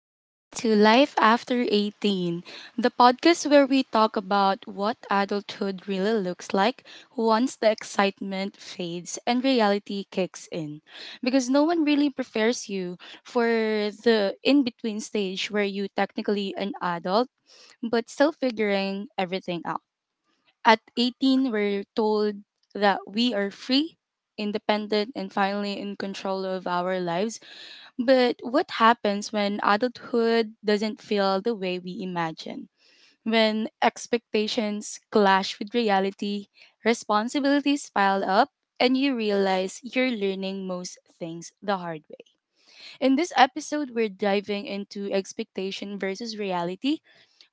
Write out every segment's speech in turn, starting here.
Welcome to Life After 18, the podcast where we talk about what adulthood really looks like once the excitement fades and reality kicks in. Because no one really prepares you for the in between stage where you technically an adult but still figuring everything out. At 18, we're told that we are free, independent, and finally in control of our lives. But what happens when adulthood doesn't feel the way we imagine? When expectations clash with reality, responsibilities pile up, and you realize you're learning most things the hard way. In this episode, we're diving into expectation versus reality,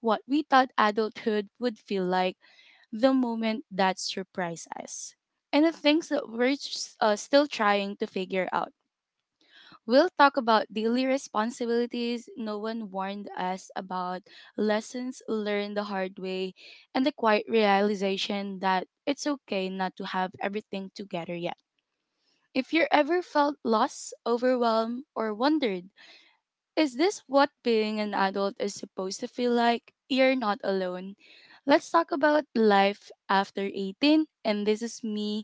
what we thought adulthood would feel like, the moment that surprise us, and the things that we're still trying to figure out. We'll talk about daily responsibilities no one warned us about, lessons learned the hard way, and the quiet realization that it's okay not to have everything together yet. If you ever felt lost, overwhelmed, or wondered, is this what being an adult is supposed to feel like? You're not alone. Let's talk about life after 18. And this is me,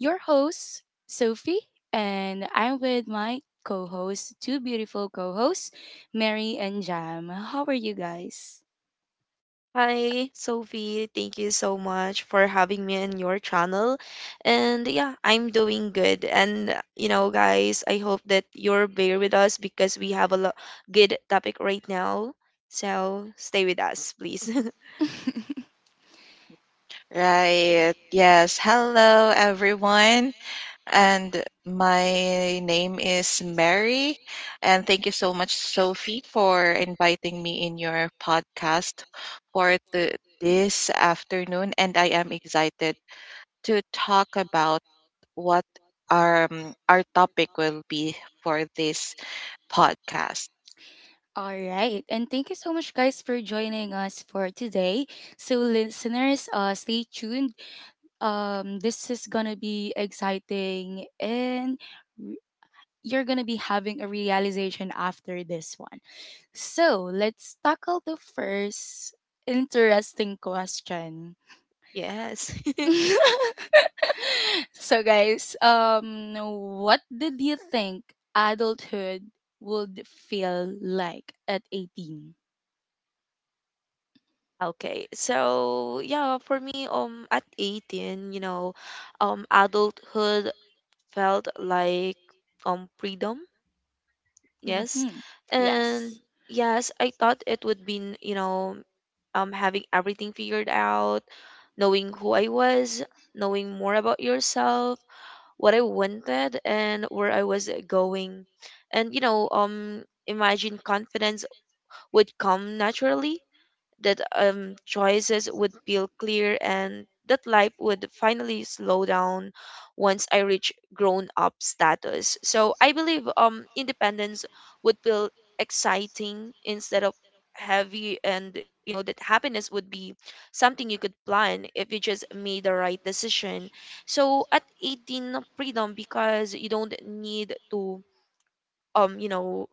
your host, Sophie. And I'm with my co hosts, two beautiful co hosts, Mary and Jam. How are you guys? Hi, Sophie. Thank you so much for having me on your channel. And yeah, I'm doing good. And you know, guys, I hope that you're bear with us because we have a good topic right now. So stay with us, please. Right. Yes. Hello, everyone. And my name is Mary. And thank you so much, Sophie, for inviting me in your podcast for this afternoon. And I am excited to talk about what our topic will be for this podcast. All right, and thank you so much, guys, for joining us for today. So, listeners, stay tuned. This is gonna be exciting, and you're going to be having a realization after this one. So, let's tackle the first interesting question. Yes. So, guys, what did you think adulthood would feel like at 18? Okay, for me, at 18, you know, adulthood felt like freedom. Yes. Mhm. And Yes. yes, I thought it would be, you know, having everything figured out, knowing who I was, knowing more about yourself, what I wanted and where I was going. And you know, imagine confidence would come naturally, that choices would feel clear and that life would finally slow down once I reach grown up status. So I believe, independence would feel exciting instead of heavy, and you know that happiness would be something you could plan if you just made the right decision. So at 18, freedom, because you don't need to, you know,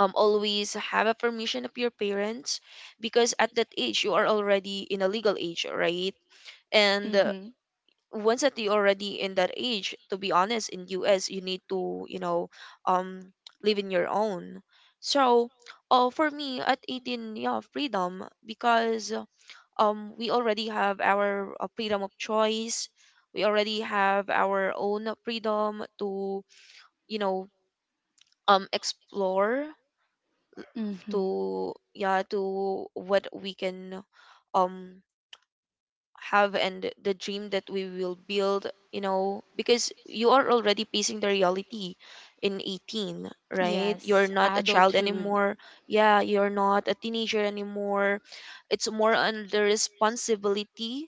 always have a permission of your parents, because at that age you are already in a legal age, right? And Mhm. once that you're already in that age, to be honest in us, you need to, you know, um live in your own. So for me at 18, yeah, freedom, because, we already have our, freedom of choice. We already have our own freedom to, you know, explore to, Mhm. yeah, to what we can um have, and the dream that we will build, you know, because you are already facing the reality in 18, right? You're Yes, not a child adulthood. anymore. Yeah, you're not a teenager anymore. It's more on the responsibility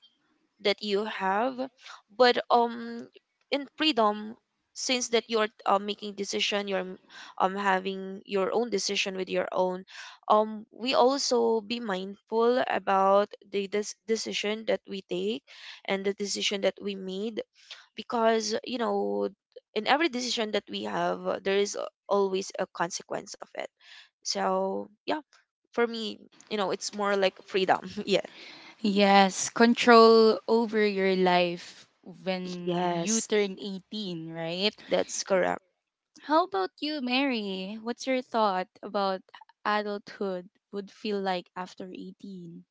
that you have. But in freedom, since that you're, making decision, you're having your own decision with your own we also be mindful about the decision that we take and the decision that we made, because you know in every decision that we have, there is always a consequence of it. So yeah, for me, you know, it's more like freedom. Yeah. Yes, control over your life when you Yes, turn 18, right? that's correct. How about you, Mary? What's your thought about adulthood would feel like after 18?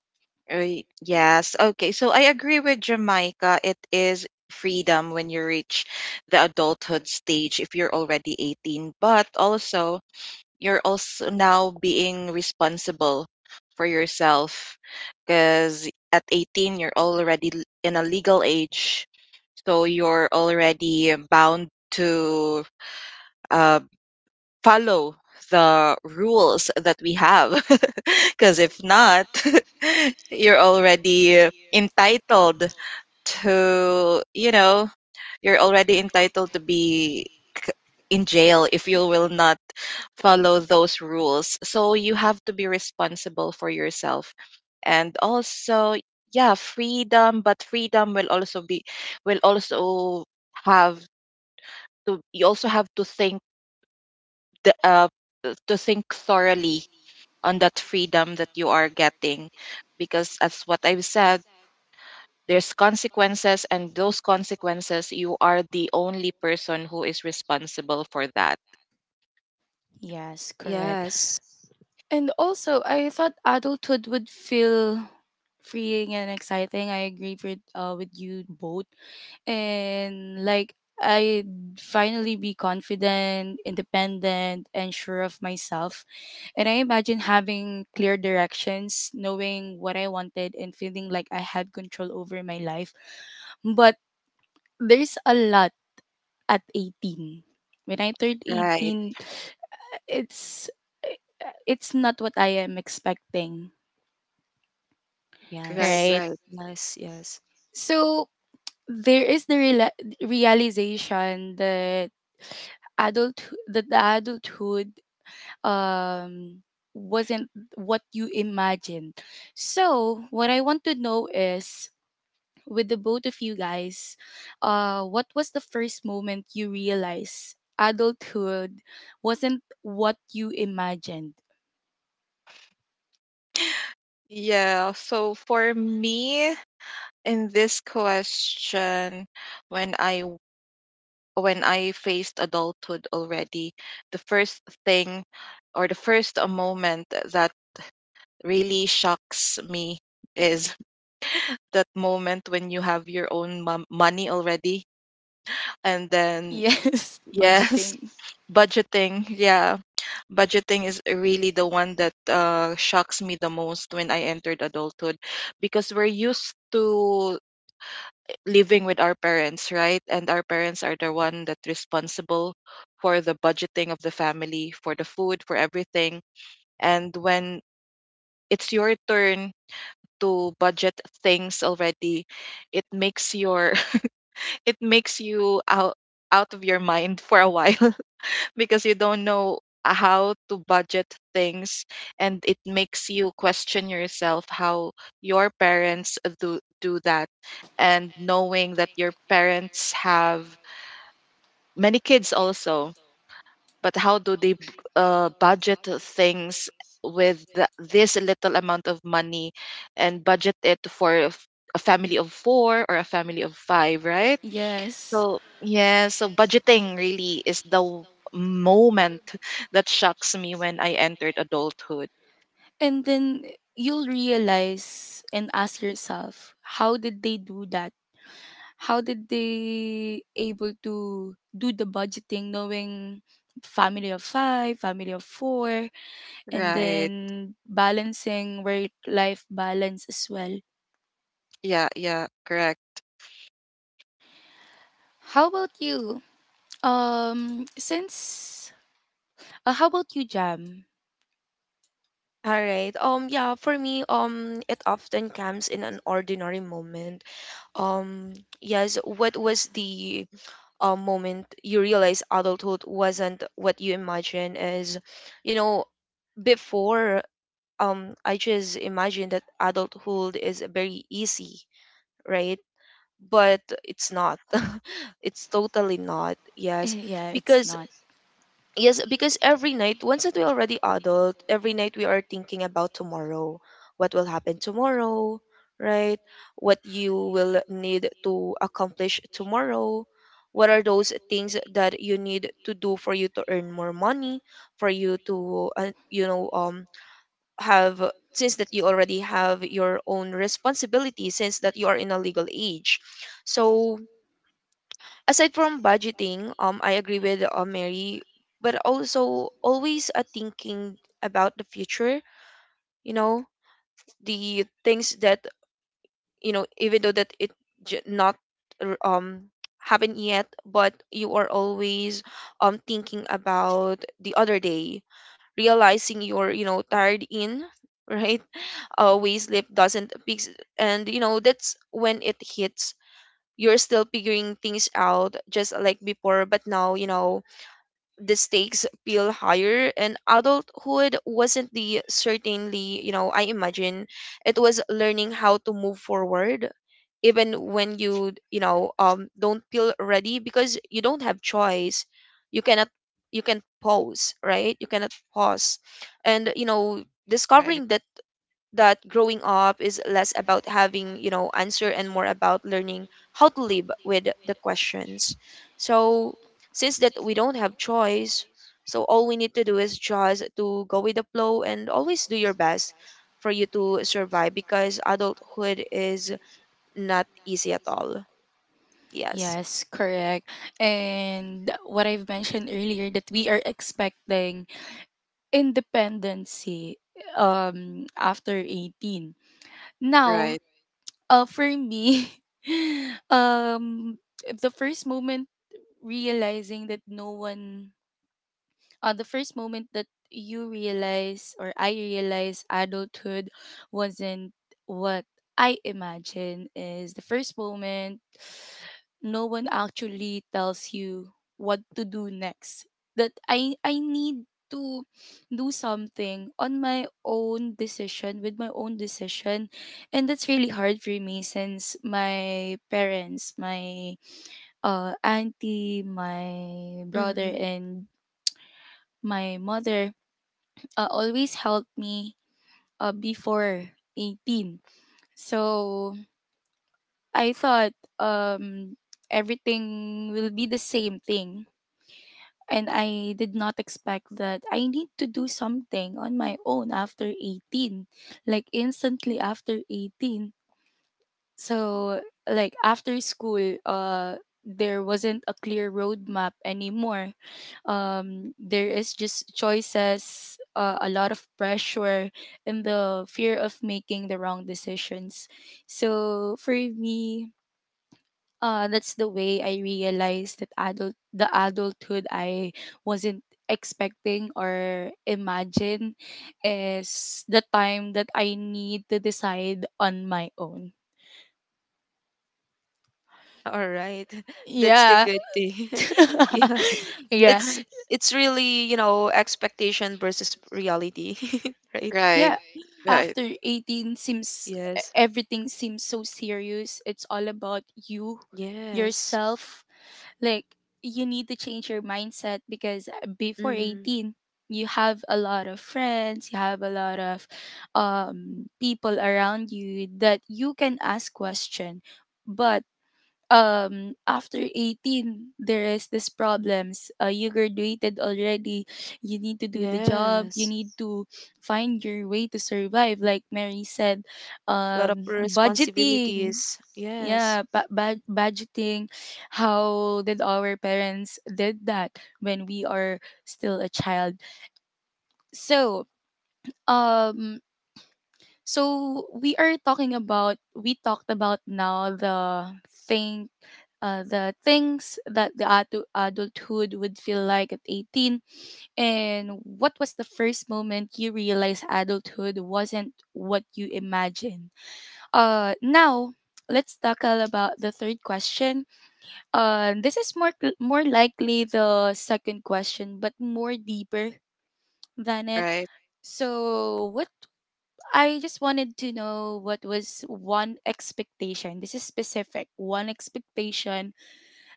Right. Yes. Okay. So I agree with Jamaica. It is freedom when you reach the adulthood stage if you're already 18, but also you're also now being responsible for yourself because at 18 you're already in a legal age, so you're already bound to uh follow the rules that we have because if not you're already entitled to you're already entitled to be c- in jail if you will not follow those rules, so you have to be responsible for yourself. And also, yeah, freedom, but freedom will also be, will also have to, you also have to think the to think thoroughly on that freedom that you are getting, because as what I've said, there's consequences and those consequences you are the only person who is responsible for that. Yes, correct. Yes, And also, I thought adulthood would feel freeing and exciting. I agree with you both. And like I'd finally be confident, independent, and sure of myself. And I imagine having clear directions, knowing what I wanted, and feeling like I had control over my life. But there's a lot at 18. When I turned Right, 18, it's it's not what I am expecting, right, yes, right? right. yes, yes. So there is the reala realization adult that the adulthood um wasn't what you imagined. So, what I want to know is, with the both of you guys, what was the first moment you realized adulthood wasn't what you imagined? Yeah, so for me in this question, when I w- when I faced adulthood already, the first thing or the first moment that really shocks me is that moment when you have your own money already. And then Yes, yes, budgeting. budgeting, yeah. Budgeting is really the one that shocks me the most when I entered adulthood, because we're used to living with our parents, right? And our parents are the one that responsible for the budgeting of the family, for the food, for everything. And when it's your turn to budget things already, it makes your, it makes you out out of your mind for a while because you don't know how to budget things. And it makes you question yourself how your parents do that, and knowing that your parents have many kids also, but how do they budget things with this little amount of money, and budget it for a a family of four or a family of five, right? Yes. So yeah, so budgeting really is the moment that shocks me when I entered adulthood. And then you'll realize and ask yourself, how did they do that? How did they able to do the budgeting, knowing family of five, family of four, and Right. then balancing work life balance as well. Yeah, yeah, correct. How about you? Since How about you, Jam? All right. Yeah, for me, it often comes in an ordinary moment. Um, yes, what was the moment you realize adulthood wasn't what you imagine is, you know, before, I just imagined that adulthood is very easy, right? But it's not. It's totally not. Yes, Yeah, it's because, not. yes, because every night, once that we're already adult, every night we are thinking about tomorrow. What will happen tomorrow, right? What you will need to accomplish tomorrow. What are those things that you need to do for you to earn more money, for you to, you know, have, since that you already have your own responsibility, since that you are in a legal age. So aside from budgeting, I agree with, Mary, but also always, thinking about the future. You know, the things that, you know, even though that it not r- um happen yet, but you are always thinking about the other day, realizing you're, tired in, right? We sleep doesn't peaks, and you know that's when it hits. You're still figuring things out just like before, but now, you know, the stakes feel higher, and adulthood wasn't the certainly, you know, I imagine. It was learning how to move forward even when you know don't feel ready, because you don't have choice. You cannot, you can pause, right? You cannot pause. And you know, Right, discovering that growing up is less about having, you know, answer and more about learning how to live with the questions. So since that we don't have choice, so all we need to do is just to go with the flow and always do your best for you to survive, because adulthood is not easy at all. Yes. Yes, correct. And what I've mentioned earlier, that we are expecting independency after 18 now, right. For me. um the first moment realizing that no one the first moment that you realize, or I realize, adulthood wasn't what I imagined, is the first moment no one actually tells you what to do next. That I need to do something on my own decision with my own decision, and that's really hard for me since my parents, my auntie, my brother, Mm-hmm. and my mother always helped me before 18. So I thought, um, everything will be the same thing. And I did not expect that I need to do something on my own after 18, like instantly after 18. So, like after school, there wasn't a clear roadmap anymore. There is just choices, a lot of pressure, and the fear of making the wrong decisions. So for me, that's the way I realized that adult the adulthood I wasn't expecting or imagine is the time that I need to decide on my own. All right. That's the Yeah. good thing. Yeah, Yeah. it's it's really, you know, expectation versus reality. Right? Right, Yeah, right, after 18 Yes. everything seems so serious. It's all about you, Yes. yourself. Like, you need to change your mindset, because before Mm-hmm. 18 you have a lot of friends, you have a lot of people around you that you can ask question. But after 18 there is this problems. You graduated already, you need to do the job, you Yes. need to find your way to survive, like Mary said. A lot of Budgeting. responsibilities. Yes. Yeah, budgeting. How did our parents did that when we are still a child? So, um so we are talking about we talked about now thing the things that the adulthood would feel like at 18, and what was the first moment you realized adulthood wasn't what you imagined. Now let's tackle about the third question. This is more likely the second question, but more deeper than it. right. So, what I just wanted to know, what was one expectation? This is specific. One expectation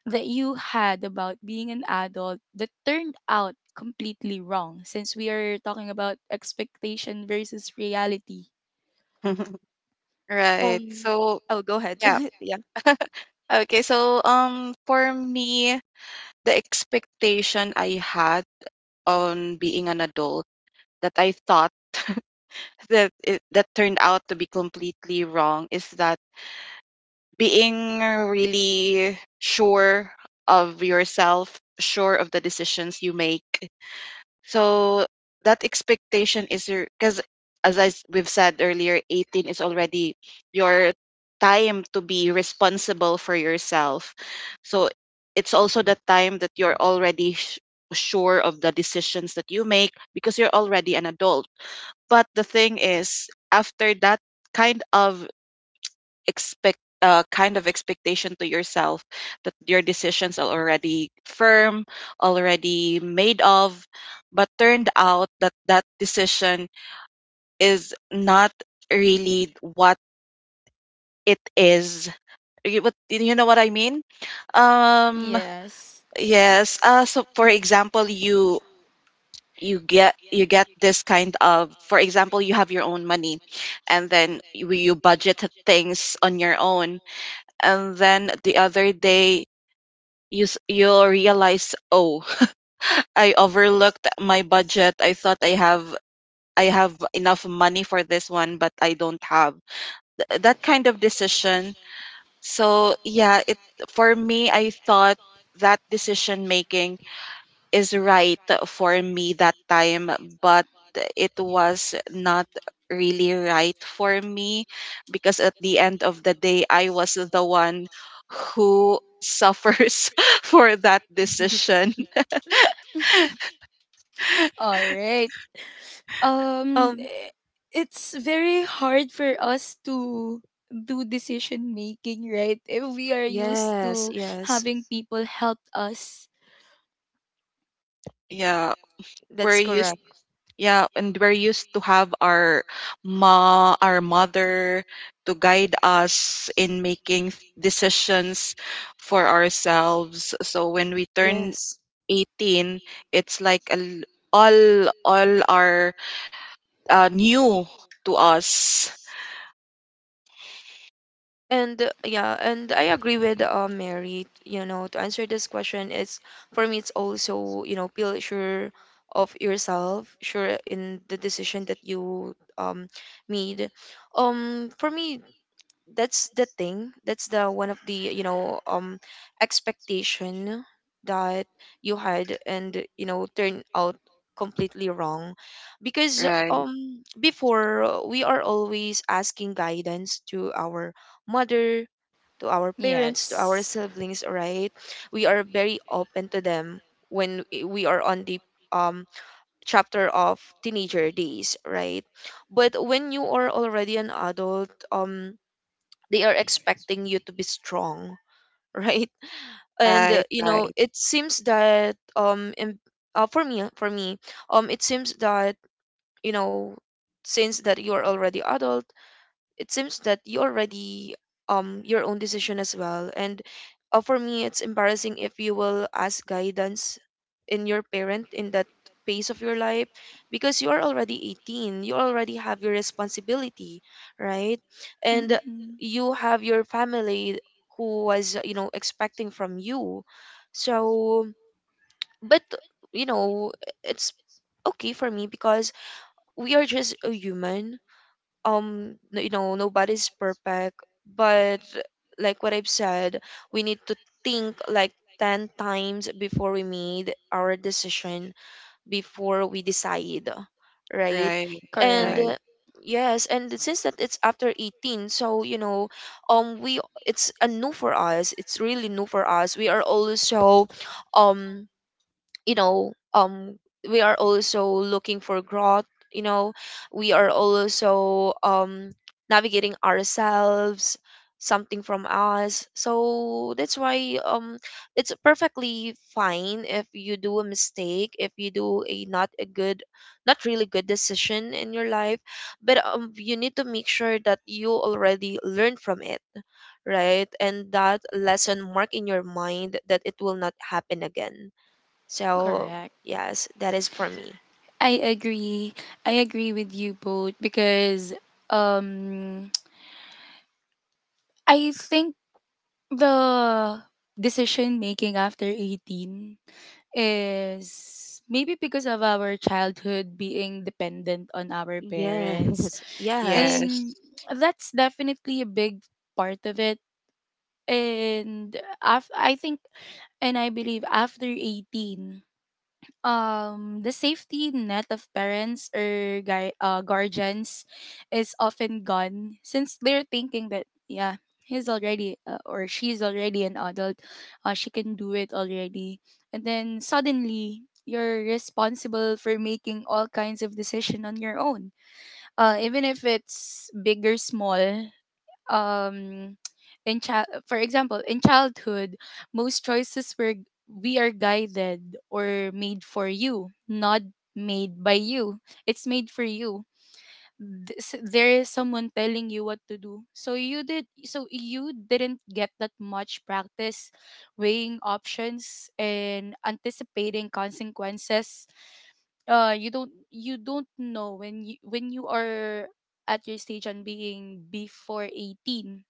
that you had about being an adult that turned out completely wrong, since we are talking about expectation versus reality. Right. Um. So, Oh, go ahead. yeah. Yeah. Okay, so for me, the expectation I had on being an adult that I thought that turned out to be completely wrong is that being really sure of yourself, sure of the decisions you make. So that expectation is your because as we've said earlier, 18 is already your time to be responsible for yourself. So it's also the time that you're already sure of the decisions that you make because you're already an adult. But the thing is, after that kind of expect kind of expectation to yourself that your decisions are already firm, already made of, but turned out that that decision is not really what it is. You, what, you know what I mean? Um, Yes. yes. So for example, you get this kind of, for example, you have your own money, and then you budget things on your own. And then the other day you'll realize, oh, I overlooked my budget. I thought I have enough money for this one, but I don't have. That kind of decision. So yeah, it, for me I thought that decision making is right for me that time, but it was not really right for me because at the end of the day, I was the one who suffers for that decision. All right. Um Um, eh, it's very hard for us to do decision making, right? If we are used to yes, yes, having people help us. Yeah, that's we're used. correct. Yeah, and we're used to have our mother to guide us in making decisions for ourselves. So when we turn Yes. 18 it's like a l all all are new to us. And yeah, and I agree with, Mary, you know, to answer this question, it's, for me, it's also, you know, feel sure of yourself, sure in the decision that you made. For me, that's the thing, that's the one of the, you know, expectation that you had and you know turn out completely wrong, because Right, before, we are always asking guidance to our mother, to our parents, to our Yes. siblings, right? We are very open to them when we are on the um chapter of teenager days, right? But when you are already an adult, they are expecting you to be strong. Right? And right, you know, right, it seems that for me, it seems that, you know, since that you're already adult, it seems that you already your own decision as well. And for me, it's embarrassing if you will ask guidance in your parent in that phase of your life, because you are already 18, you already have your responsibility, right? And Hmm. you have your family who was, you know, expecting from you. So, but, you know, it's okay for me, because we are just a human. You know, nobody's perfect. But like what I've said, we need to think like 10 times before we made our decision, before we decide, right? right, and Correct. right, uh, yes, and since that it's after 18, so you know, we, it's a new for us, it's really new for us. We are also, um you know, we are also looking for growth. You know, we are also navigating ourselves, something from us. So that's why, it's perfectly fine if you do a mistake, if you do a not a good, not really good decision in your life. But you need to make sure that you already learn from it, right? And that lesson mark in your mind that it will not happen again. So Correct. yes, that is for me. I agree. I agree with you both, because um I think the decision making after 18 is maybe because of our childhood being dependent on our parents, Yes, yes, yes, and that's definitely a big part of it. And I think, and I believe, after 18 the safety net of parents or guy guardians is often gone, since they're thinking that, yeah, he's already, or she's already, an adult. She can do it already. And then suddenly you're responsible for making all kinds of decision on your own, even if it's big or small. um in child For example, in childhood most choices were, we are guided or made for you, not made by you. It's made for you. This, there is someone telling you what to do, so you did so you didn't get that much practice weighing options and anticipating consequences. You don't know, when you are at your stage on being before 18.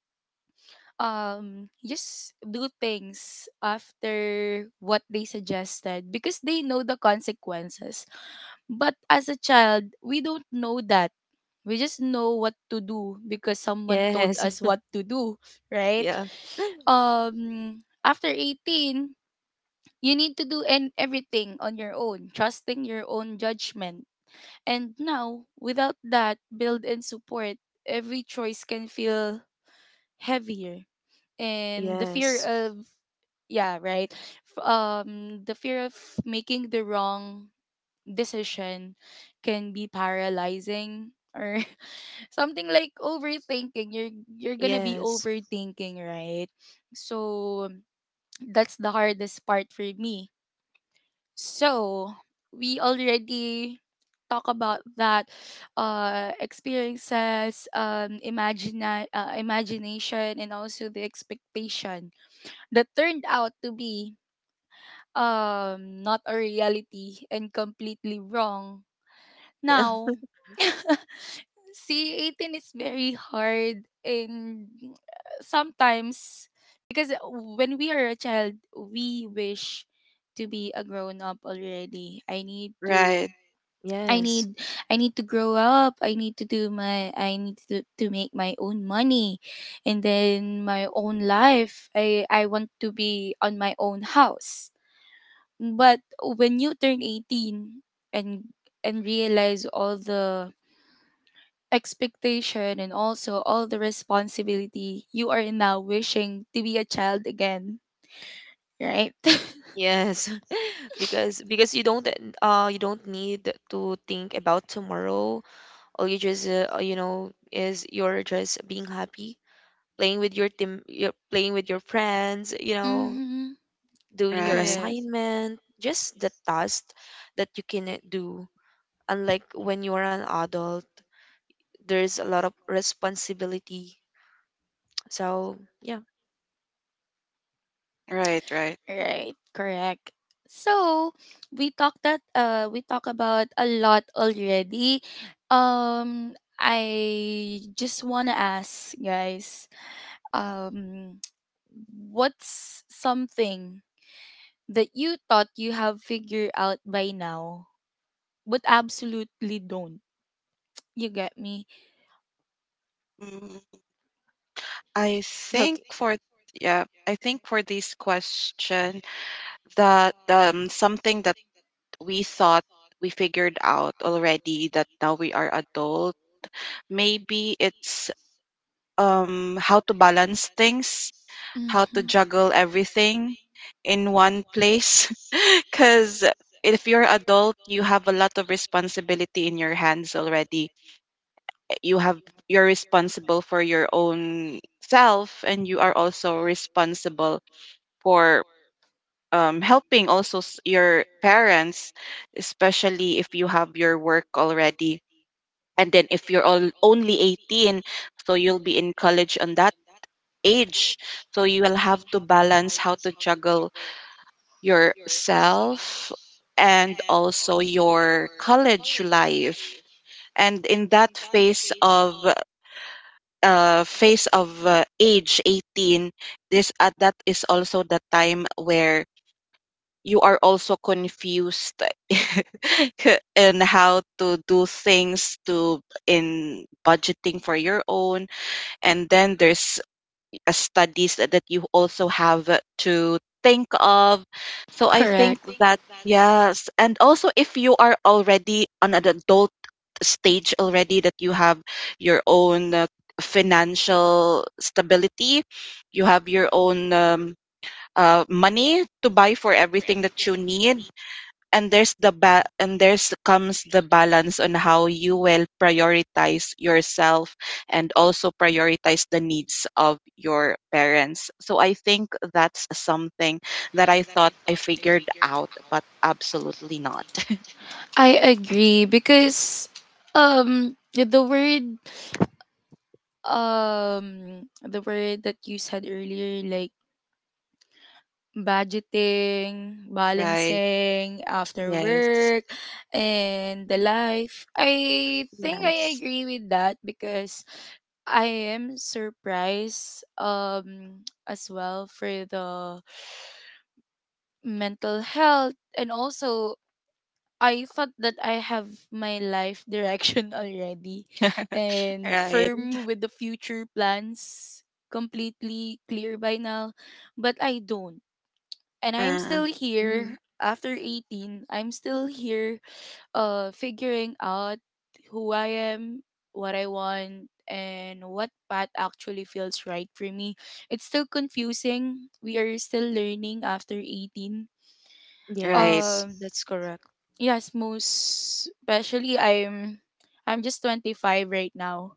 Just do things after what they suggested, because they know the consequences. But as a child we don't know that. We just know what to do because someone told yes, us what to do, right? yeah, After 18 you need to do and everything on your own, trusting your own judgment. And now, without that build and support, every choice can feel heavier, and the fear yes, of, yeah, right, the fear of making the wrong decision can be paralyzing, or something like overthinking. You're gonna be yes, overthinking, right? So that's the hardest part for me. So we already talk about that, experiences, imagine imagination, and also the expectation that turned out to be not a reality and completely wrong. yeah, Now, C18 is very hard, and sometimes, because when we are a child, we wish to be a grown up already. Right, I yes, need I need to grow up. I need to make my own money, and then my own life. I want to be on my own house. But when you turn 18, and and realize all the expectation and also all the responsibility, you are now wishing to be a child again, right? yes. Because, you don't, you don't need to think about tomorrow. All you just, you know, is you're just being happy, playing with your team, you're playing with your friends, you know, Mhm. doing your right, Correct. assignment, just the task that you can do. Unlike when you are an adult, there's a lot of responsibility. So yeah. right, right. Right, correct. So, we talked that we talk about a lot already. I just wanna ask, guys, um what's something that you thought you have figured out by now but absolutely don't? You get me? mm, I think Okay. for Yeah, I think for this question that something that we thought we figured out already that now we are adult, maybe it's how to balance things, how to Mm-hmm. juggle everything in one place because if you're adult you have a lot of responsibility in your hands already. You have, you're responsible for your own self, and you are also responsible for helping also your parents, especially if you have your work already. And then if you're only 18, so you'll be in college on that age. So you will have to balance how to juggle yourself and also your college life. And in that phase of age 18, this that is also the time where you are also confused in how to do things to in budgeting for your own. And then there's studies that you also have to think of. So I think Correct. that, yes. And also, if you are already on an adult stage already, that you have your own financial stability, you have your own money to buy for everything that you need. And there's the ba- and there's comes the balance on how you will prioritize yourself and also prioritize the needs of your parents. So I think that's something that I thought I figured out but absolutely not. I agree, because the word, that you said earlier, like budgeting, Right. balancing after Yes, work and the life, I think I yes. agree with that, because I am surprised, as well, for the mental health. And also, I thought that I have my life direction already and Right. Mm-hmm. firm with the future plans, completely clear by now, but I don't. And I'm Mm, still Mm-hmm. here after 18. I'm still here figuring out who I am, what I want, and what path actually feels right for me. It's still confusing. We are still learning after 18. right, Yes, Um that's correct. Yes, most especially, I'm just 25 right now.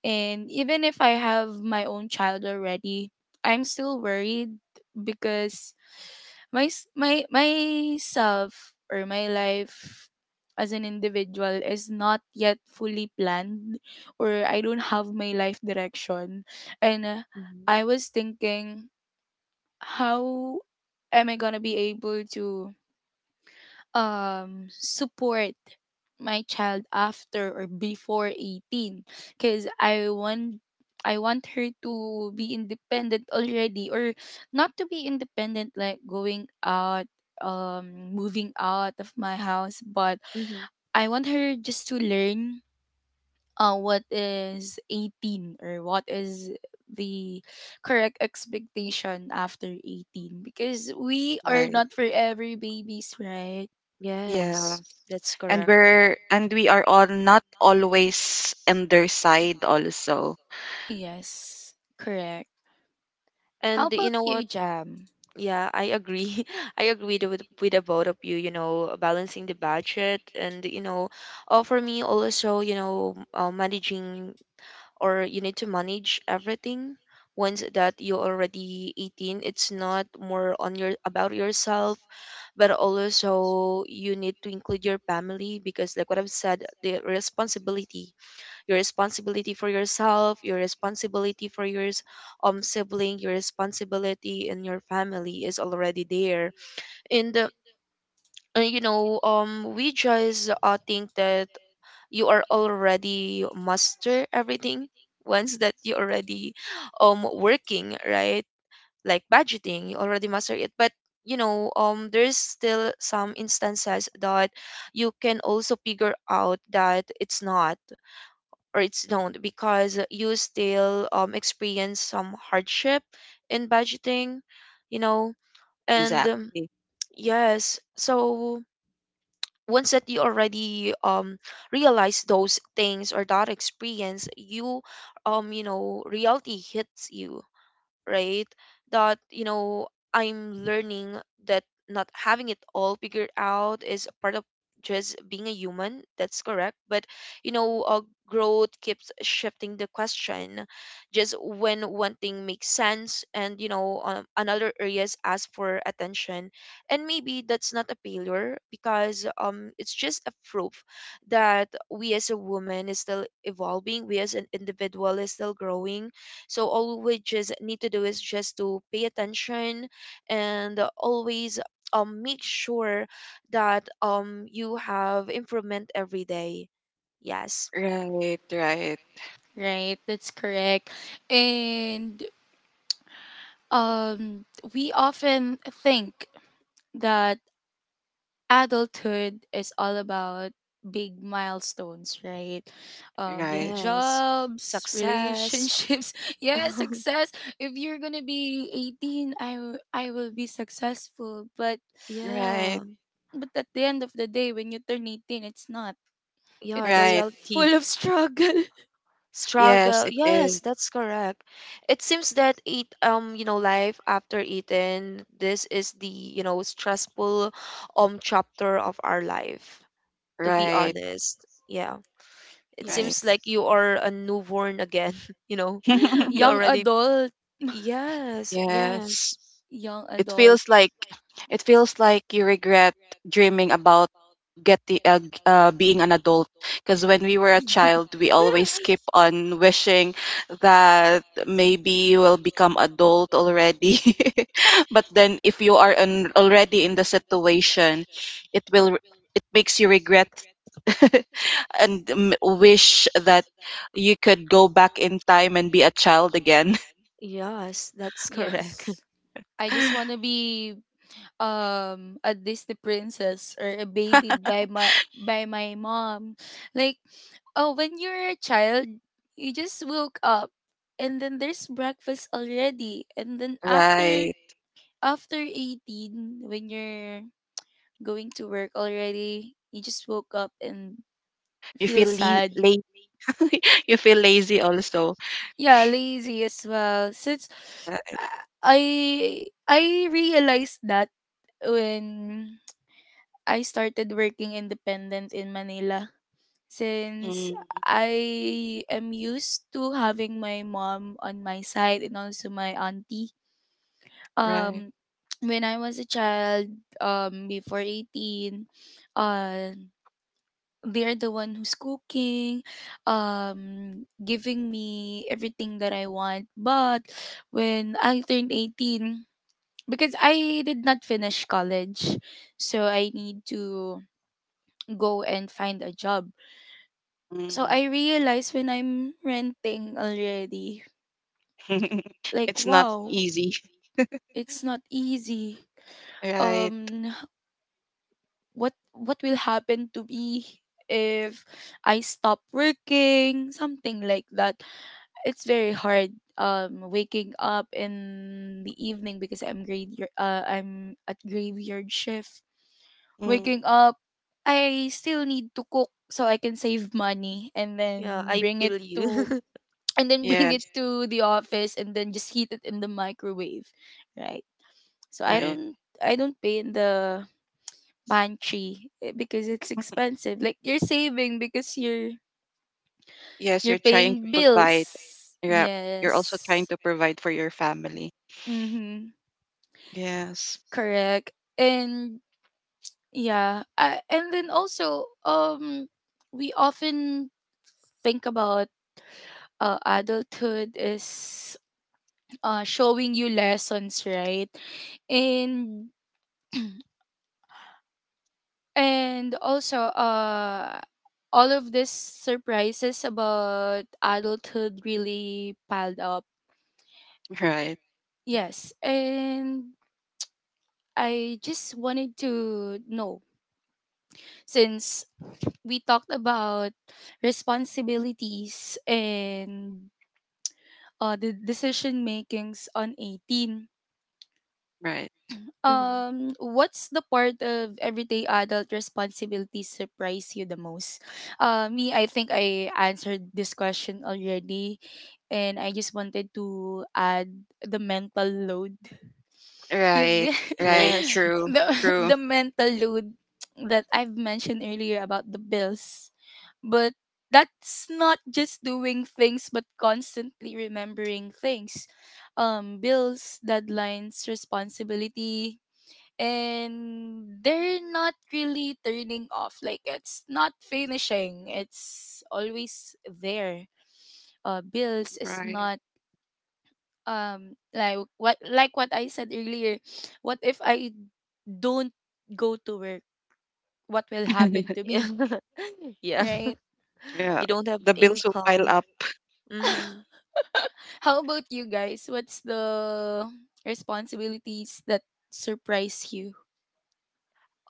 And even if I have my own child already, I'm still worried, because my s- my myself, or my life as an individual, is not yet fully planned, or I don't have my life direction. And Mm-hmm. I was thinking, how am I going to be able to support my child after or before 18? Because I want her to be independent already. Or not to be independent, like going out, um moving out of my house. But Mm-hmm. I want her just to learn what is 18, or what is the correct expectation after 18, because we are right. not for every babies, right? Yeah, Yes, that's and correct. we're and we are all not always on their side also. Yes, correct. How And you about know what? you, Jam? Yeah, I agree. I agree with the both of you. You know, balancing the budget, and, you know, for me also, you know, managing, or you need to manage everything once that you're already 18. It's not more on your about yourself, but also you need to include your family, because like what I've said, the responsibility, your responsibility for yourself, your responsibility for your sibling, your responsibility in your family is already there. And you know, we just, think that you are already master everything once that you already working, right? Like budgeting, you already master it, but, you know, there's still some instances that you can also figure out that it's not, or it's not, because you still experience some hardship in budgeting, you know. And Exactly. yes, so once that you already realize those things, or that experience, you you know reality hits you, right? That, you know, I'm learning that not having it all figured out is a part of just being a human. That's correct. But, you know, growth keeps shifting the question just when one thing makes sense, and, you know, another areas ask for attention. And maybe that's not a failure, because it's just a proof that we as a woman is still evolving, we as an individual is still growing. So all we just need to do is just to pay attention, and always make sure that you have improvement every day. Yes. Right, right, Right, that's correct. And um, we often think that adulthood is all about big milestones, right? Right, Yes. Jobs, Success. relationships, yeah, success. If you're gonna be 18, I will be successful. But right, Yeah, but at the end of the day, when you turn 18, it's not. yeah, the It's right. reality. full of struggle. Yes, Struggle. it Yes, is. that's correct. It seems that it, you know, life after eating, this is the, you know, stressful chapter of our life, to be Right, honest. Yeah. It right. seems Yes. like you are a newborn again, you know. You Young already, adult, yes, Yes. yes. young It adult. feels like, you regret dreaming about being an adult because when we were a child, we always keep on wishing that maybe we'll become adult already. But then if you are already in the situation, it will it makes you regret and wish that you could go back in time and be a child again. Yes, that's correct. Yes. I just want to be a Disney princess or a baby by my mom. Like oh, when you're a child, you just woke up and then there's breakfast already. And then after Right. after 18 when you're going to work already, you just woke up and You feel feel sad, lazy. You feel lazy also. yeah, lazy as well since Right. I realized that when I started working independent in Manila, since Mm, I am used to having my mom on my side and also my auntie. right. Um When I was a child, before 18, uh they're the one who's cooking, giving me everything that I want. But when I turned 18, because I did not finish college, so I need to go and find a job. So Mm. I realized when I'm renting already, like, It's not wow, easy. it's not easy. Right. Um, what will happen to me if I stop working, something like that. It's very hard waking up in the evening because I'm at graveyard shift. Mm. Waking up, I still need to cook so I can save money and Yeah, then I bring it feel to you. and then bring it Yes, to the office and then just heat it in the microwave, right? So I right. don't I don't pay in the pantry eh, because it's expensive. Like you're saving because you're Yes, you're you're trying to paying provide. bills. Yeah, you're also trying Yes. to provide for your family. Mhm. Yes. Correct. And yeah, and then also we often think about adulthood is showing you lessons, right? And and also all of these surprises about adulthood really piled up. Right. Yes, and I just wanted to know, since we talked about responsibilities and the decision makings on 18. Right. Mhm. What's the part of everyday adult responsibilities surprise you the most? Me, I think I answered this question already, and I just wanted to add the mental load. You Right. get Right. Yes. True. the True. the mental load that I've mentioned earlier about the bills, but that's not just doing things, but constantly remembering things. Bills, deadlines, responsibility, and they're not really turning off, like it's not finishing, it's always there. Bills is Right. not like what like what I said earlier, what if I don't go to work, what will happen to Yeah. me, Yeah. right? Yeah. You don't have The bills will pile income. up. Mm-hmm. How about you guys, what's the responsibilities that surprise you?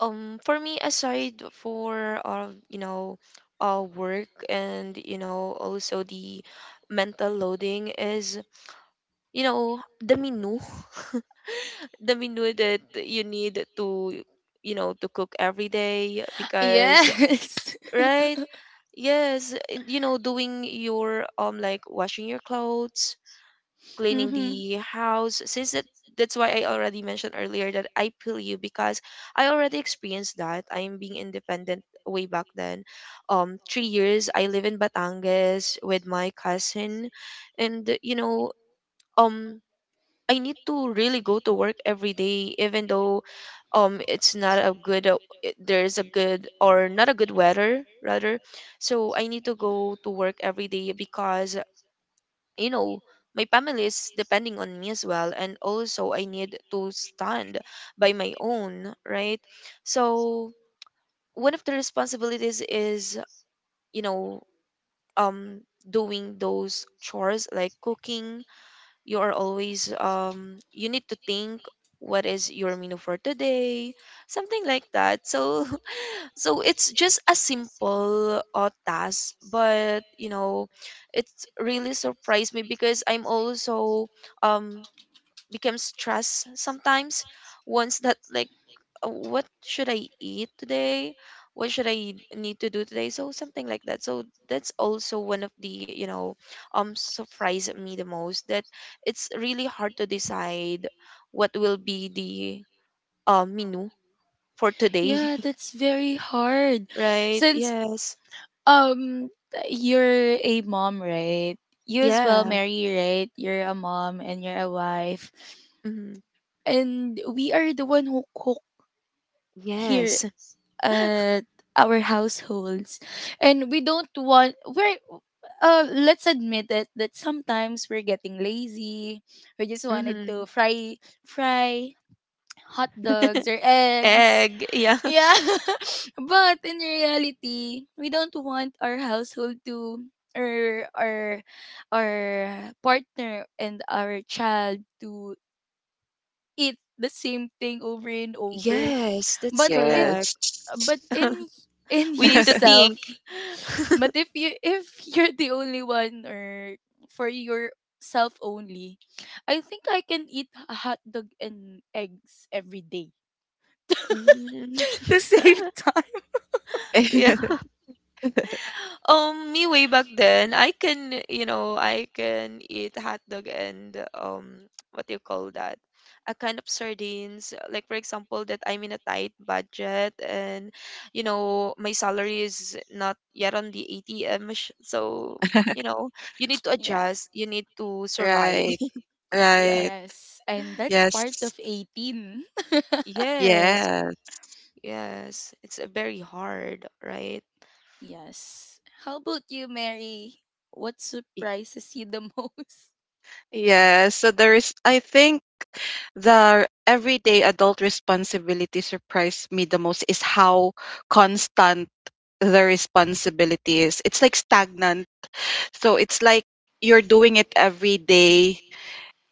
For me, aside for, you know, work, and, you know, also the mental loading is, you know, the menu. The menu that you need to to cook every day because Yes. right, yes, and, doing your like washing your clothes, cleaning Mhm. the house since that's why I already mentioned earlier that I feel you because I already experienced that I'm being independent way back then. 3 years I live in Batangas with my cousin, and um I need to really go to work every day, even though it's not a good there's a good or not a good weather rather. So I need to go to work every day because you know my family is depending on me as well, and also I need to stand by my own, right. So one of the responsibilities is, you know um doing those chores like cooking. You are always you need to think, what is your menu for today, something like that. So so it's just a simple task, but you know it's really surprised me because I'm also um become stressed sometimes, once that like, what should I eat today? What should I need to do today? So something like that. So that's also one of the, you know, surprised me the most, that it's really hard to decide what will be the menu for today. Yeah, that's very hard. Right? Since Yes. um you're a mom, right? You as well, Yeah. Mary, right? You're a mom and you're a wife. Hmm. And we are the one who cook here Yes. at our households. And we don't want we're let's admit it that sometimes we're getting lazy. We just wanted to Hmm. fry hot dogs or eggs, Egg. Yeah. yeah. But in reality, we don't want our household to or our partner and our child to eat the same thing over and over. Yes, that's But in correct. Yes. but in in We need to yourself, think. but if you're the only one or for yourself only, I think I can eat a hot dog and eggs every day Mhm. to save time. Me way back then, I can, I can eat hot dog and what do you call that? A kind of sardines. Like for example, that I'm in a tight budget and my salary is not yet on the ATM, so you know you need to Yeah. adjust. You need to survive. Right. Yeah. Right. Yes. And that's part Yes. of 18. Yes. Yes. Yes. It's very hard, right? Yes. How about you, Mary? What Y- surprises you the most? Yes. So there is, I think the everyday adult responsibility surprised me the most is how constant the responsibility is. It's like stagnant. So it's like you're doing it every day,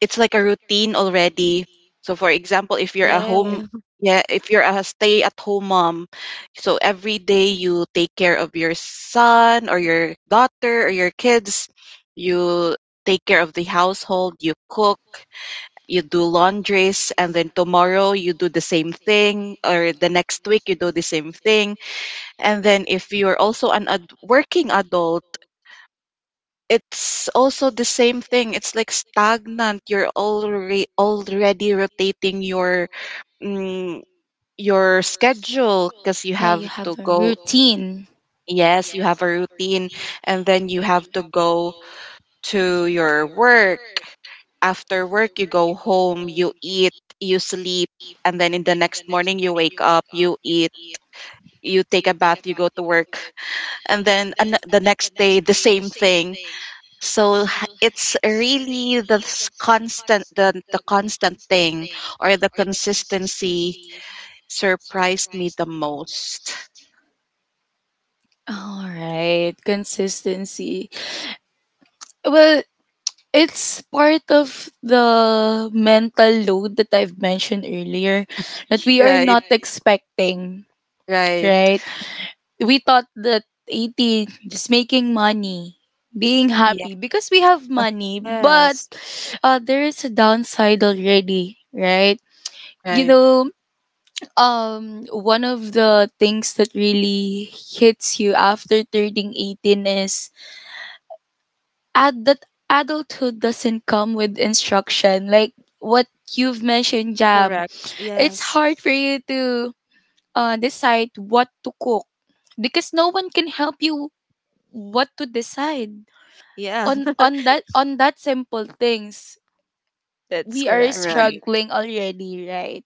it's like a routine already. So for example, if you're a home, Yeah. yeah, if you're a stay at home mom, so every day you take care of your son or your daughter or your kids, you take care of the household, you cook, you do laundries, and then tomorrow you do the same thing, or the next week you do the same thing. And then if you're also an working adult, it's also the same thing. It's like stagnant. You're already rotating your, mm, your schedule because you Yeah, you have have to a go. routine. Yes, you have a routine, and then you have to go to your work. After work, you go home. You eat. You sleep, and then in the next morning, you wake up. You eat. You take a bath. You go to work, and then the next day, the same thing. So it's really the constant, the constant thing or the consistency surprised me the most. All right, consistency. Well, it's part of the mental load that I've mentioned earlier that we are Right, not expecting, right. right? We thought that 18 just making money, being Yeah, happy because we have money, but Yes. There is a downside already, right? you right, know One of the things that really hits you after turning 18 is that adulthood doesn't come with instruction, like what you've mentioned, Jam. Correct. It's Yes. hard for you to decide what to cook because no one can help you what to decide Yeah. on on that simple things. That's We are correct. right. struggling already, right?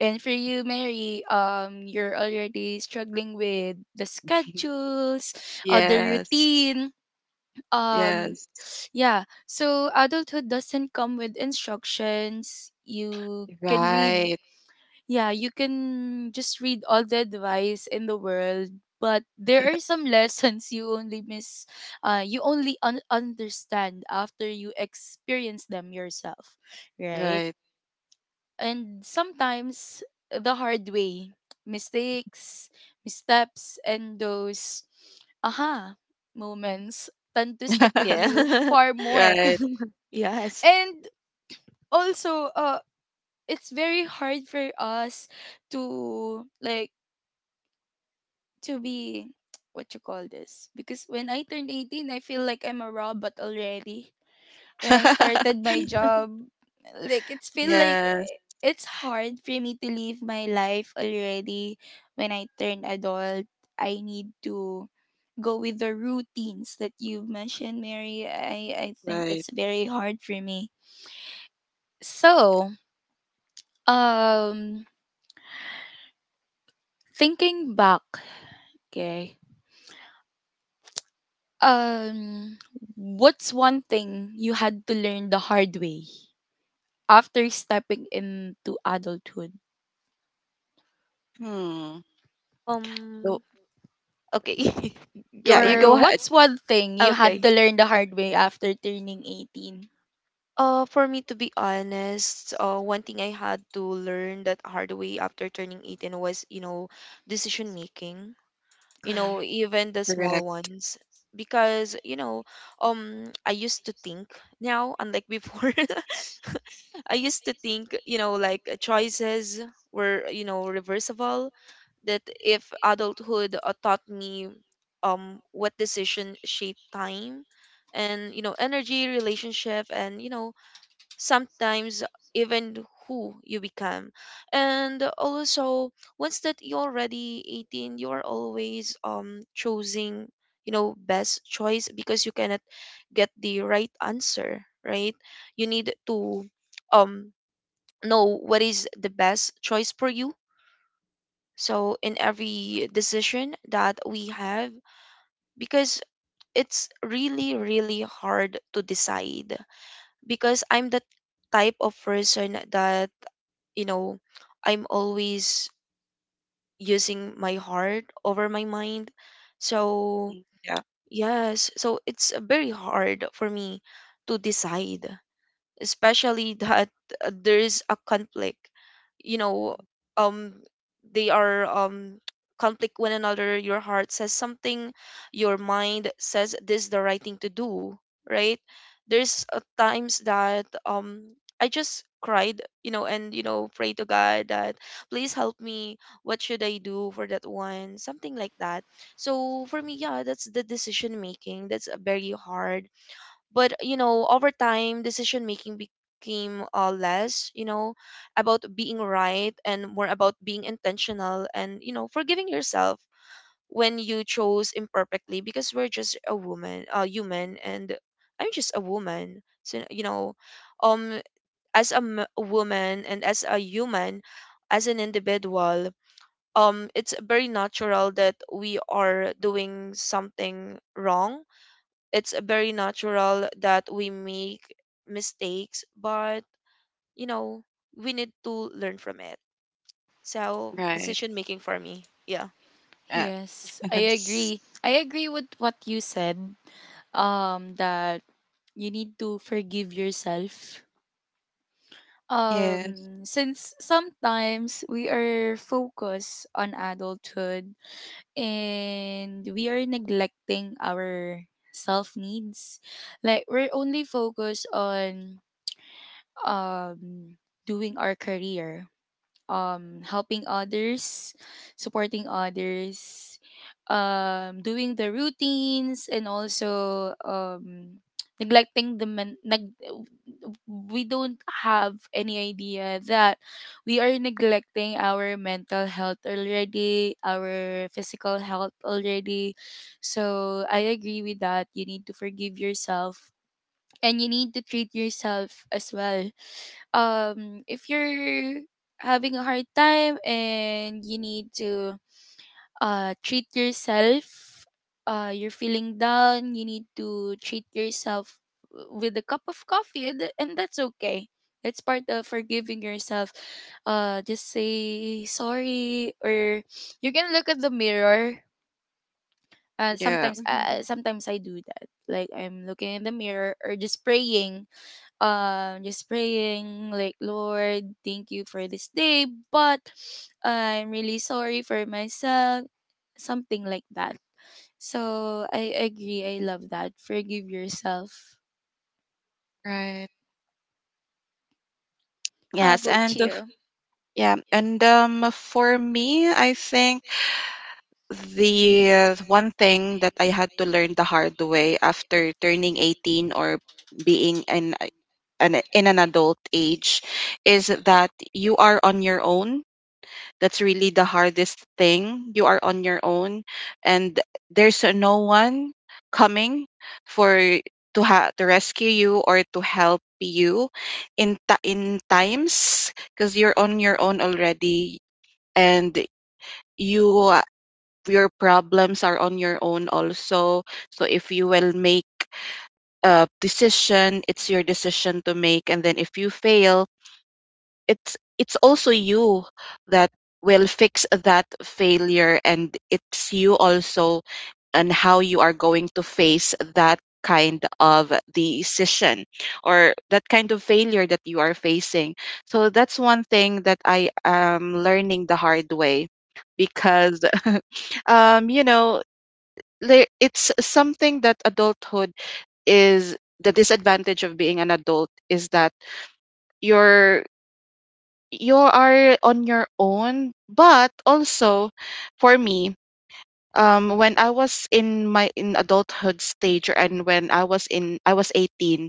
And for you, Mary, you're already struggling with the schedules or the Yes. routine. um Yes. yeah, so adulthood doesn't come with instructions you can read. Right, Yeah, you can just read all the advice in the world, but there are some lessons you only miss, you only understand after you experience them yourself, right? right. And sometimes the hard way, mistakes, missteps, and those aha moments tend to stick with you Yeah. far more. Right. Yes. And also, it's very hard for us to like to be what you call this, because when I turned 18, I feel like I'm a robot already. When I started my job, like it's feel like Yes, it's hard for me to live my life already. When I turned adult, I need to go with the routines that you've mentioned, Mary. I think right. that's very hard for me. So, um, thinking back, okay. Um, what's one thing you had to learn the hard way after stepping into adulthood? Hmm. So, Um. Okay. Go, yeah, you Mary. go Or ahead. what's one thing you had Okay. to learn the hard way after turning 18? For me to be honest, one thing I had to learn that hard way after turning 18 was, you know, decision making. You know, Correct. even the small Correct. ones. Because, you know, I used to think now, unlike before, I used to think, you know, like choices were, you know, reversible. That if adulthood taught me what decision shape time and energy, relationship, and sometimes even who you become. And also, once that you're already 18, you're always choosing, you know, best choice, because you cannot get the right answer, right? You need to um know what is the best choice for you, so in every decision that we have, because it's really hard to decide, because I'm the type of person that, you know, I'm always using my heart over my mind, so Mm, yeah, yes. So it's very hard for me to decide, especially that there is a conflict, you know, um they are conflict one another. Your heart says something, your mind says this is the right thing to do, right? There's times that I just cried, you know, and you know, pray to God that please help me, what should I do for that one, something like that. So for me, yeah, that's the decision making. That's very hard. But you know, over time, decision making became less, you know, about being right and more about being intentional and, you know, forgiving yourself when you chose imperfectly. Because we're just a woman, a human, and I'm just a woman, so you know, um as a woman and as a human, as an individual, it's very natural that we are doing something wrong. It's very natural that we make mistakes. But you know, we need to learn from it. So, right. decision making for me. Yeah. Yeah. Yes, I agree. I agree with what you said. That you need to forgive yourself. Yes. Yes. Since sometimes we are focused on adulthood and we are neglecting our self needs. Like we're only focused on um doing our career, helping others, supporting others, doing the routines, and also neglecting the men neg- we don't have any idea that we are neglecting our mental health already, our physical health already. So I agree with that, you need to forgive yourself and you need to treat yourself as well. If you're having a hard time and you need to treat yourself, you're feeling down, you need to treat yourself with a cup of coffee, and that's okay. That's part of forgiving yourself. Just say sorry, or you can look at the mirror. Yeah. Sometimes, sometimes I do that. Like I'm looking in the mirror or just praying, like Lord, thank you for this day, but I'm really sorry for myself, something like that. So I agree, I love that, forgive yourself. Right. How Yes, about and you? yeah, and for me, I think the one thing that I had to learn the hard way after turning 18 or being an adult age is that you are on your own. That's really the hardest thing. You are on your own, and there's no one coming for to rescue you or to help you in times because you're on your own already. And you uh, your problems are on your own also. So if you will make a decision, it's your decision to make, and then if you fail, it's also you that will fix that failure, and it's you also, and how you are going to face that kind of decision or that kind of failure that you are facing. So that's one thing that I am learning the hard way because um you know it's something that adulthood is. The disadvantage of being an adult is that you're you are on your own. But also for me, when I was in my in adulthood stage, and when I was in I was 18,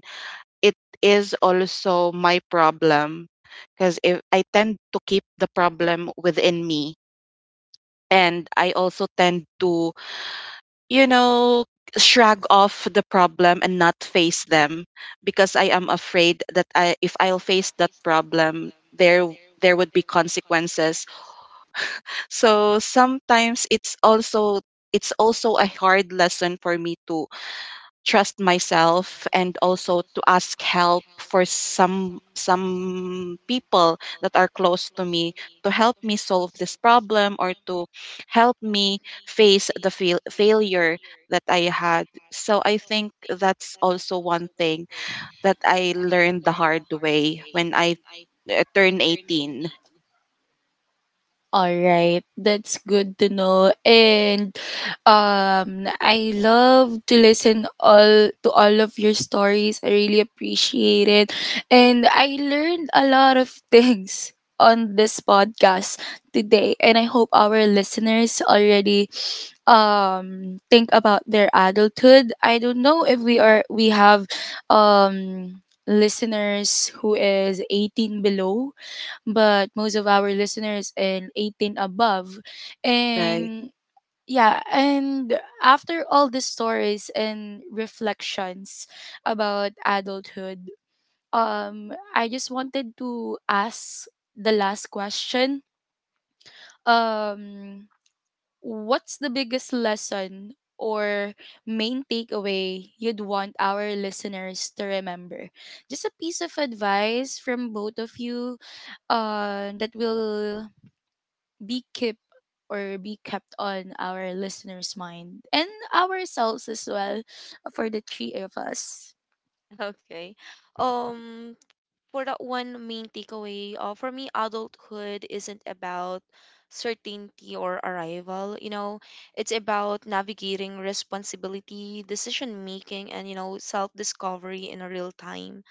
it is also my problem because if I tend to keep the problem within me, and I also tend to, you know shrug off the problem and not face them because I am afraid that if I'll face that problem, there there would be consequences. So sometimes it's also, it's also a hard lesson for me to trust myself and also to ask help for some people that are close to me to help me solve this problem or to help me face the failure that I had. So I think that's also one thing that I learned the hard way when I turned 18. All right, that's good to know. And I love to listen all to all of your stories. I really appreciate it. And I learned a lot of things on this podcast today. And I hope our listeners already think about their adulthood. I don't know if we have um listeners who is 18 below, but most of our listeners in 18 above. Right. And yeah, and after all the stories and reflections about adulthood, I just wanted to ask the last question. Um, what's the biggest lesson or main takeaway you'd want our listeners to remember? Just a piece of advice from both of you, that will be kept or be kept on our listeners' mind and ourselves as well for the three of us. Okay. Um, for that one main takeaway, for me, adulthood isn't about certainty or arrival. You know, it's about navigating responsibility, decision making, and you know, self discovery in real time,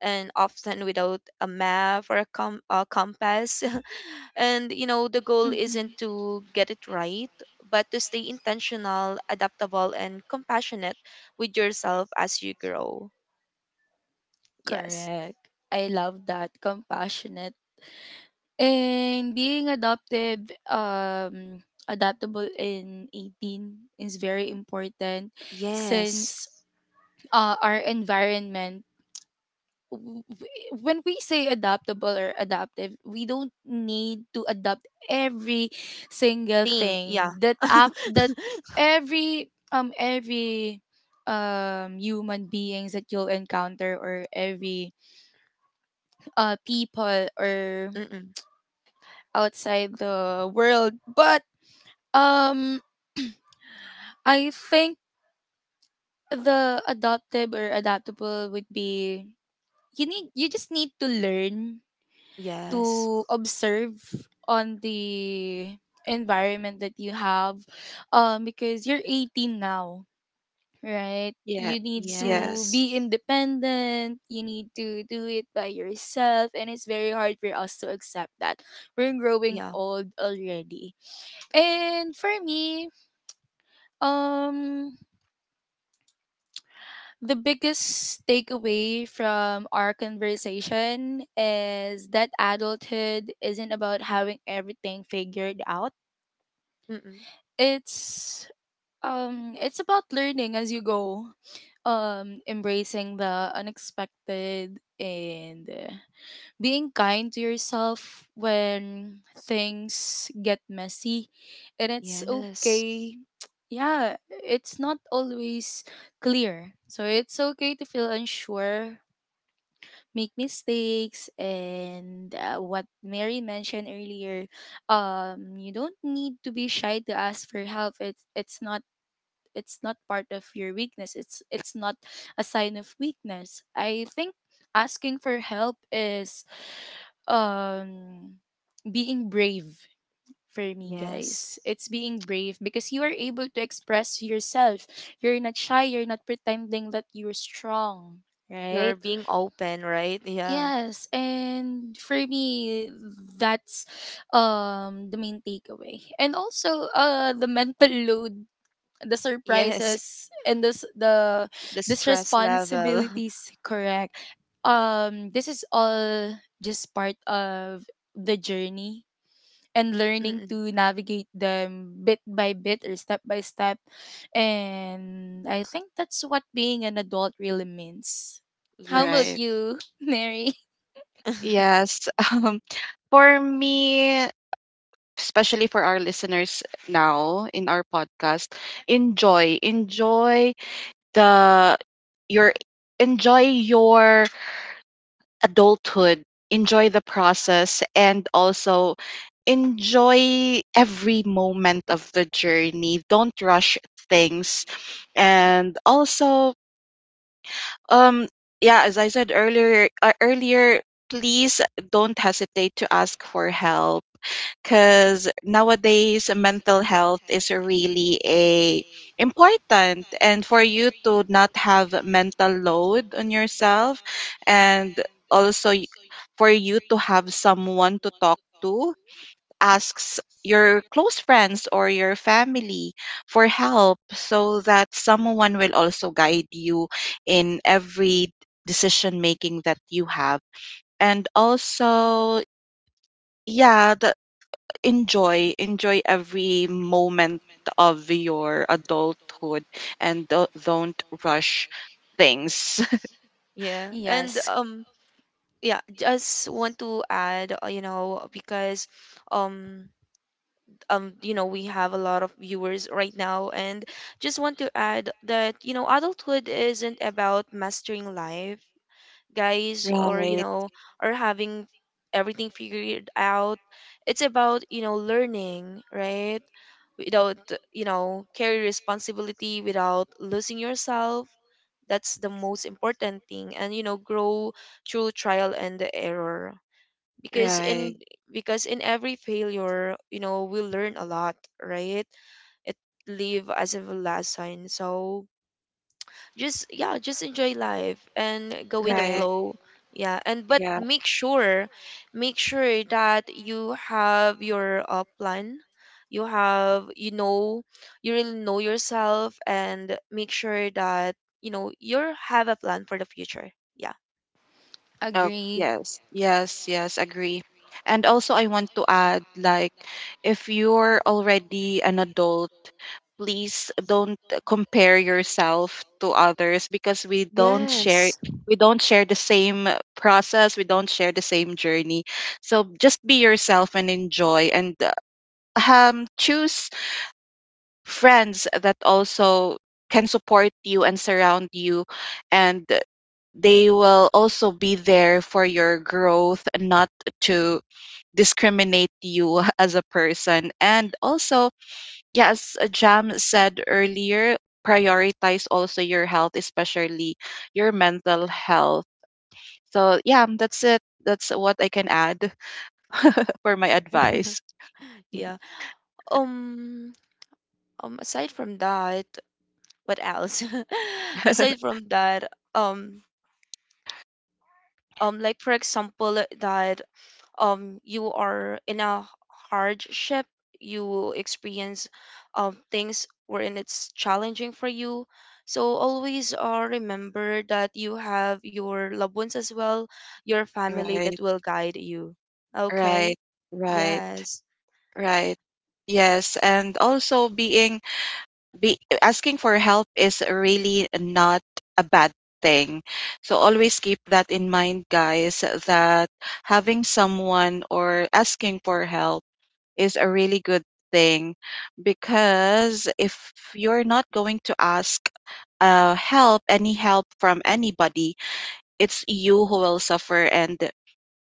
and often without a map or a compass. And you know, the goal isn't Hmm. to get it right, but to stay intentional, adaptable, and compassionate with yourself as you grow. Yes. Correct. I love that. Compassionate. And being adopted, adaptable in 18 is very important, Yes. since our environment when we say adaptable or adaptive, we don't need to adapt every single Thing. thing Yeah. that that every human beings that you'll encounter, or every people or Mm-mm. outside the world, but um I think the adaptive or adaptable would be, you need you just need to learn Yes. to observe on the environment that you have, because you're 18 now, right? You need Yes. to Yes. Yes. be independent, you need to do it by yourself, and it's very hard for us to accept that we're growing Yeah. old already. And for me, um the biggest takeaway from our conversation is that adulthood isn't about having everything figured out. Mm-mm. it's it's about learning as you go, embracing the unexpected, and being kind to yourself when things get messy, and it's Yes. okay. Yeah, it's not always clear, so it's okay to feel unsure, make mistakes, and what Mary mentioned earlier, you don't need to be shy to ask for help. It's not part of your weakness, it's not a sign of weakness. I think asking for help is um being brave. For me, Yes. guys, it's being brave because you are able to express yourself. You're not shy, you're not pretending that you're strong, right? You're being open, right? Yeah. Yes, and for me, that's the main takeaway. And also the mental load, the Yes. surprises, and this the The this stress level. responsibilities, correct. This is all just part of the journey, and learning Mm-mm. to navigate them bit by bit or step by step. And I think that's what being an adult really means. How about Yes. Right. you, Mary? Yes. Um, for me, especially for our listeners now in our podcast, enjoy, enjoy the your enjoy your adulthood, enjoy the process, and also enjoy every moment of the journey. Don't rush things, and also Um, yeah, as I said earlier, earlier, please don't hesitate to ask for help because nowadays mental health is really a important, and for you to not have mental load on yourself, and also for you to have someone to talk to, asks your close friends or your family for help so that someone will also guide you in every decision making that you have. And also, yeah, enjoy, enjoy every moment of your adulthood, and don't rush things. Yeah. And Yes, yeah, just want to add you know, because um you know, we have a lot of viewers right now, and just want to add that you know adulthood isn't about mastering life, guys, or you Right, know, or having everything figured out. It's about, you know, learning, right, without, you know, carry responsibility without losing yourself. That's the most important thing. And you know, grow through trial and error, because right, in, because in every failure, you know, we learn a lot, right? It live as a lesson, so, just, yeah, just enjoy life and go with the right, right, correct, flow. Yeah. And but yeah. make sure, make sure that you have your plan, you have, you know, you really know yourself, and make sure that you know you have a plan for the future. Yeah. Oh, agree. yes, yes, yes, agree. And also, I want to add, like, if you're already an adult, please don't compare yourself to others because Yes. we don't share the same process, we don't share the same journey. So just be yourself and enjoy, and choose friends that also can support you and surround you, and they will also be there for your growth, not to discriminate you as a person. And also, yeah, as Jam said earlier, prioritize also your health, especially your mental health. So, yeah, that's it. That's what I can add for my advice. Yeah. Um um aside from that, what else, aside from that, um, like for example, that you are in a hardship, you experience things wherein it's challenging for you, so always remember that you have your loved ones as well, your family that Right, will guide you. Okay. right, right, Yes. right. Yes, and also being be asking for help is really not a bad thing. So always keep that in mind, guys, that having someone or asking for help is a really good thing because if you're not going to ask any help from anybody, it's you who will suffer, and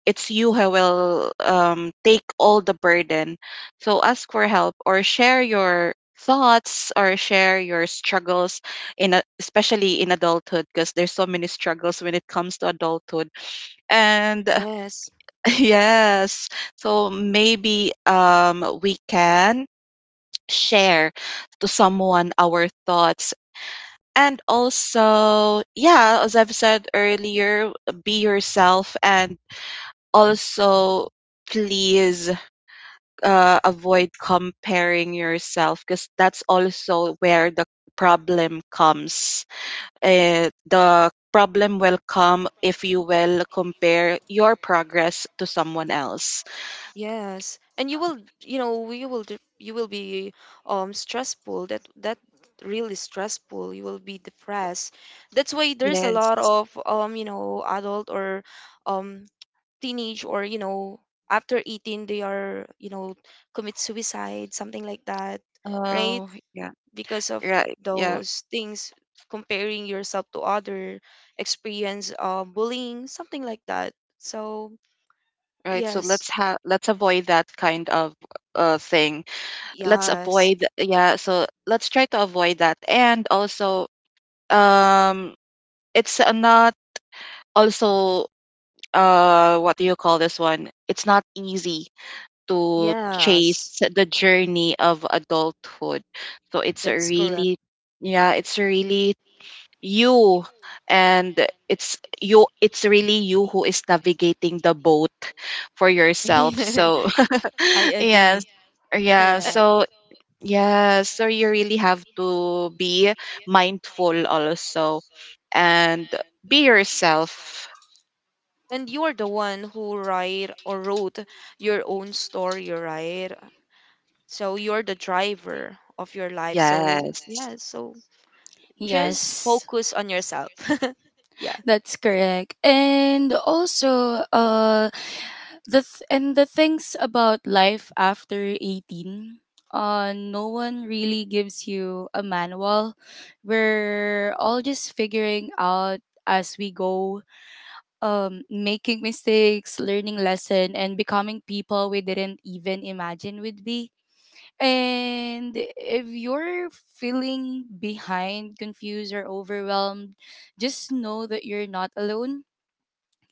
it's you who will take all the burden. So ask for help, or share your thoughts, or share your struggles in a, especially in adulthood, because there's so many struggles when it comes to adulthood, and Yes. yes. So maybe we can share to someone our thoughts. And also, yeah, as I've said earlier, be yourself, and also, please, avoid comparing yourself because that's also where the problem comes. The problem will come if you will compare your progress to someone else. Yes, and you will, you know, you will be stressful. That really stressful. You will be depressed. That's why there's a Yes. lot of you know, adult or um teenage, or you know, after 18 they are, you know, commit suicide, something like that, right? Oh, yeah. Because of Right. Yeah. those things, comparing yourself to other, experience bullying, something like that. So, Right. So yes. Let's avoid that kind of thing. Let's Yes. avoid, yeah, so let's try to avoid that. And also um it's not also, what do you call this one, it's not easy to Yes, chase the journey of adulthood, so it's a that's correct. really, yeah, it's really you, and it's you, it's really you who is navigating the boat for yourself. So I yes, agree. yeah. A- Correct. So yeah, so you really have to be mindful also, and be yourself. And you're the one who write or wrote your own story, right? So you're the driver of your life. So Yes. yeah, so just Yes, focus on yourself. Yeah. that's correct. And also, and the things about life after 18, no one really gives you a manual. We're all just figuring out as we go, making mistakes, learning lesson, and becoming people we didn't even imagine would be. And if you're feeling behind, confused, or overwhelmed, just know that you're not alone.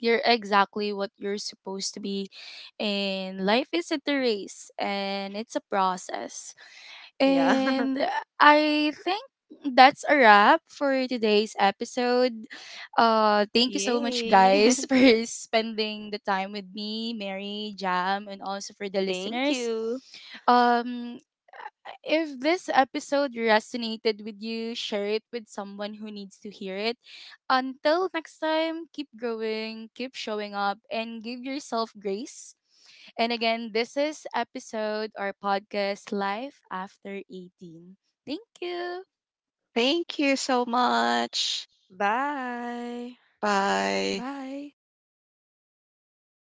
You're exactly what you're supposed to be. And life isn't a race, and it's a process. Yeah. And I think that's a wrap for today's episode. Thank you so much, Yay. guys, for spending the time with me, Mary, Jam, and also for the Thank listeners. you. Um, if this episode resonated with you, share it with someone who needs to hear it. Until next time, keep growing, keep showing up, and give yourself grace. And again, this is episode or podcast Life After 18. Thank you. Thank you so much. Bye. Bye. Bye.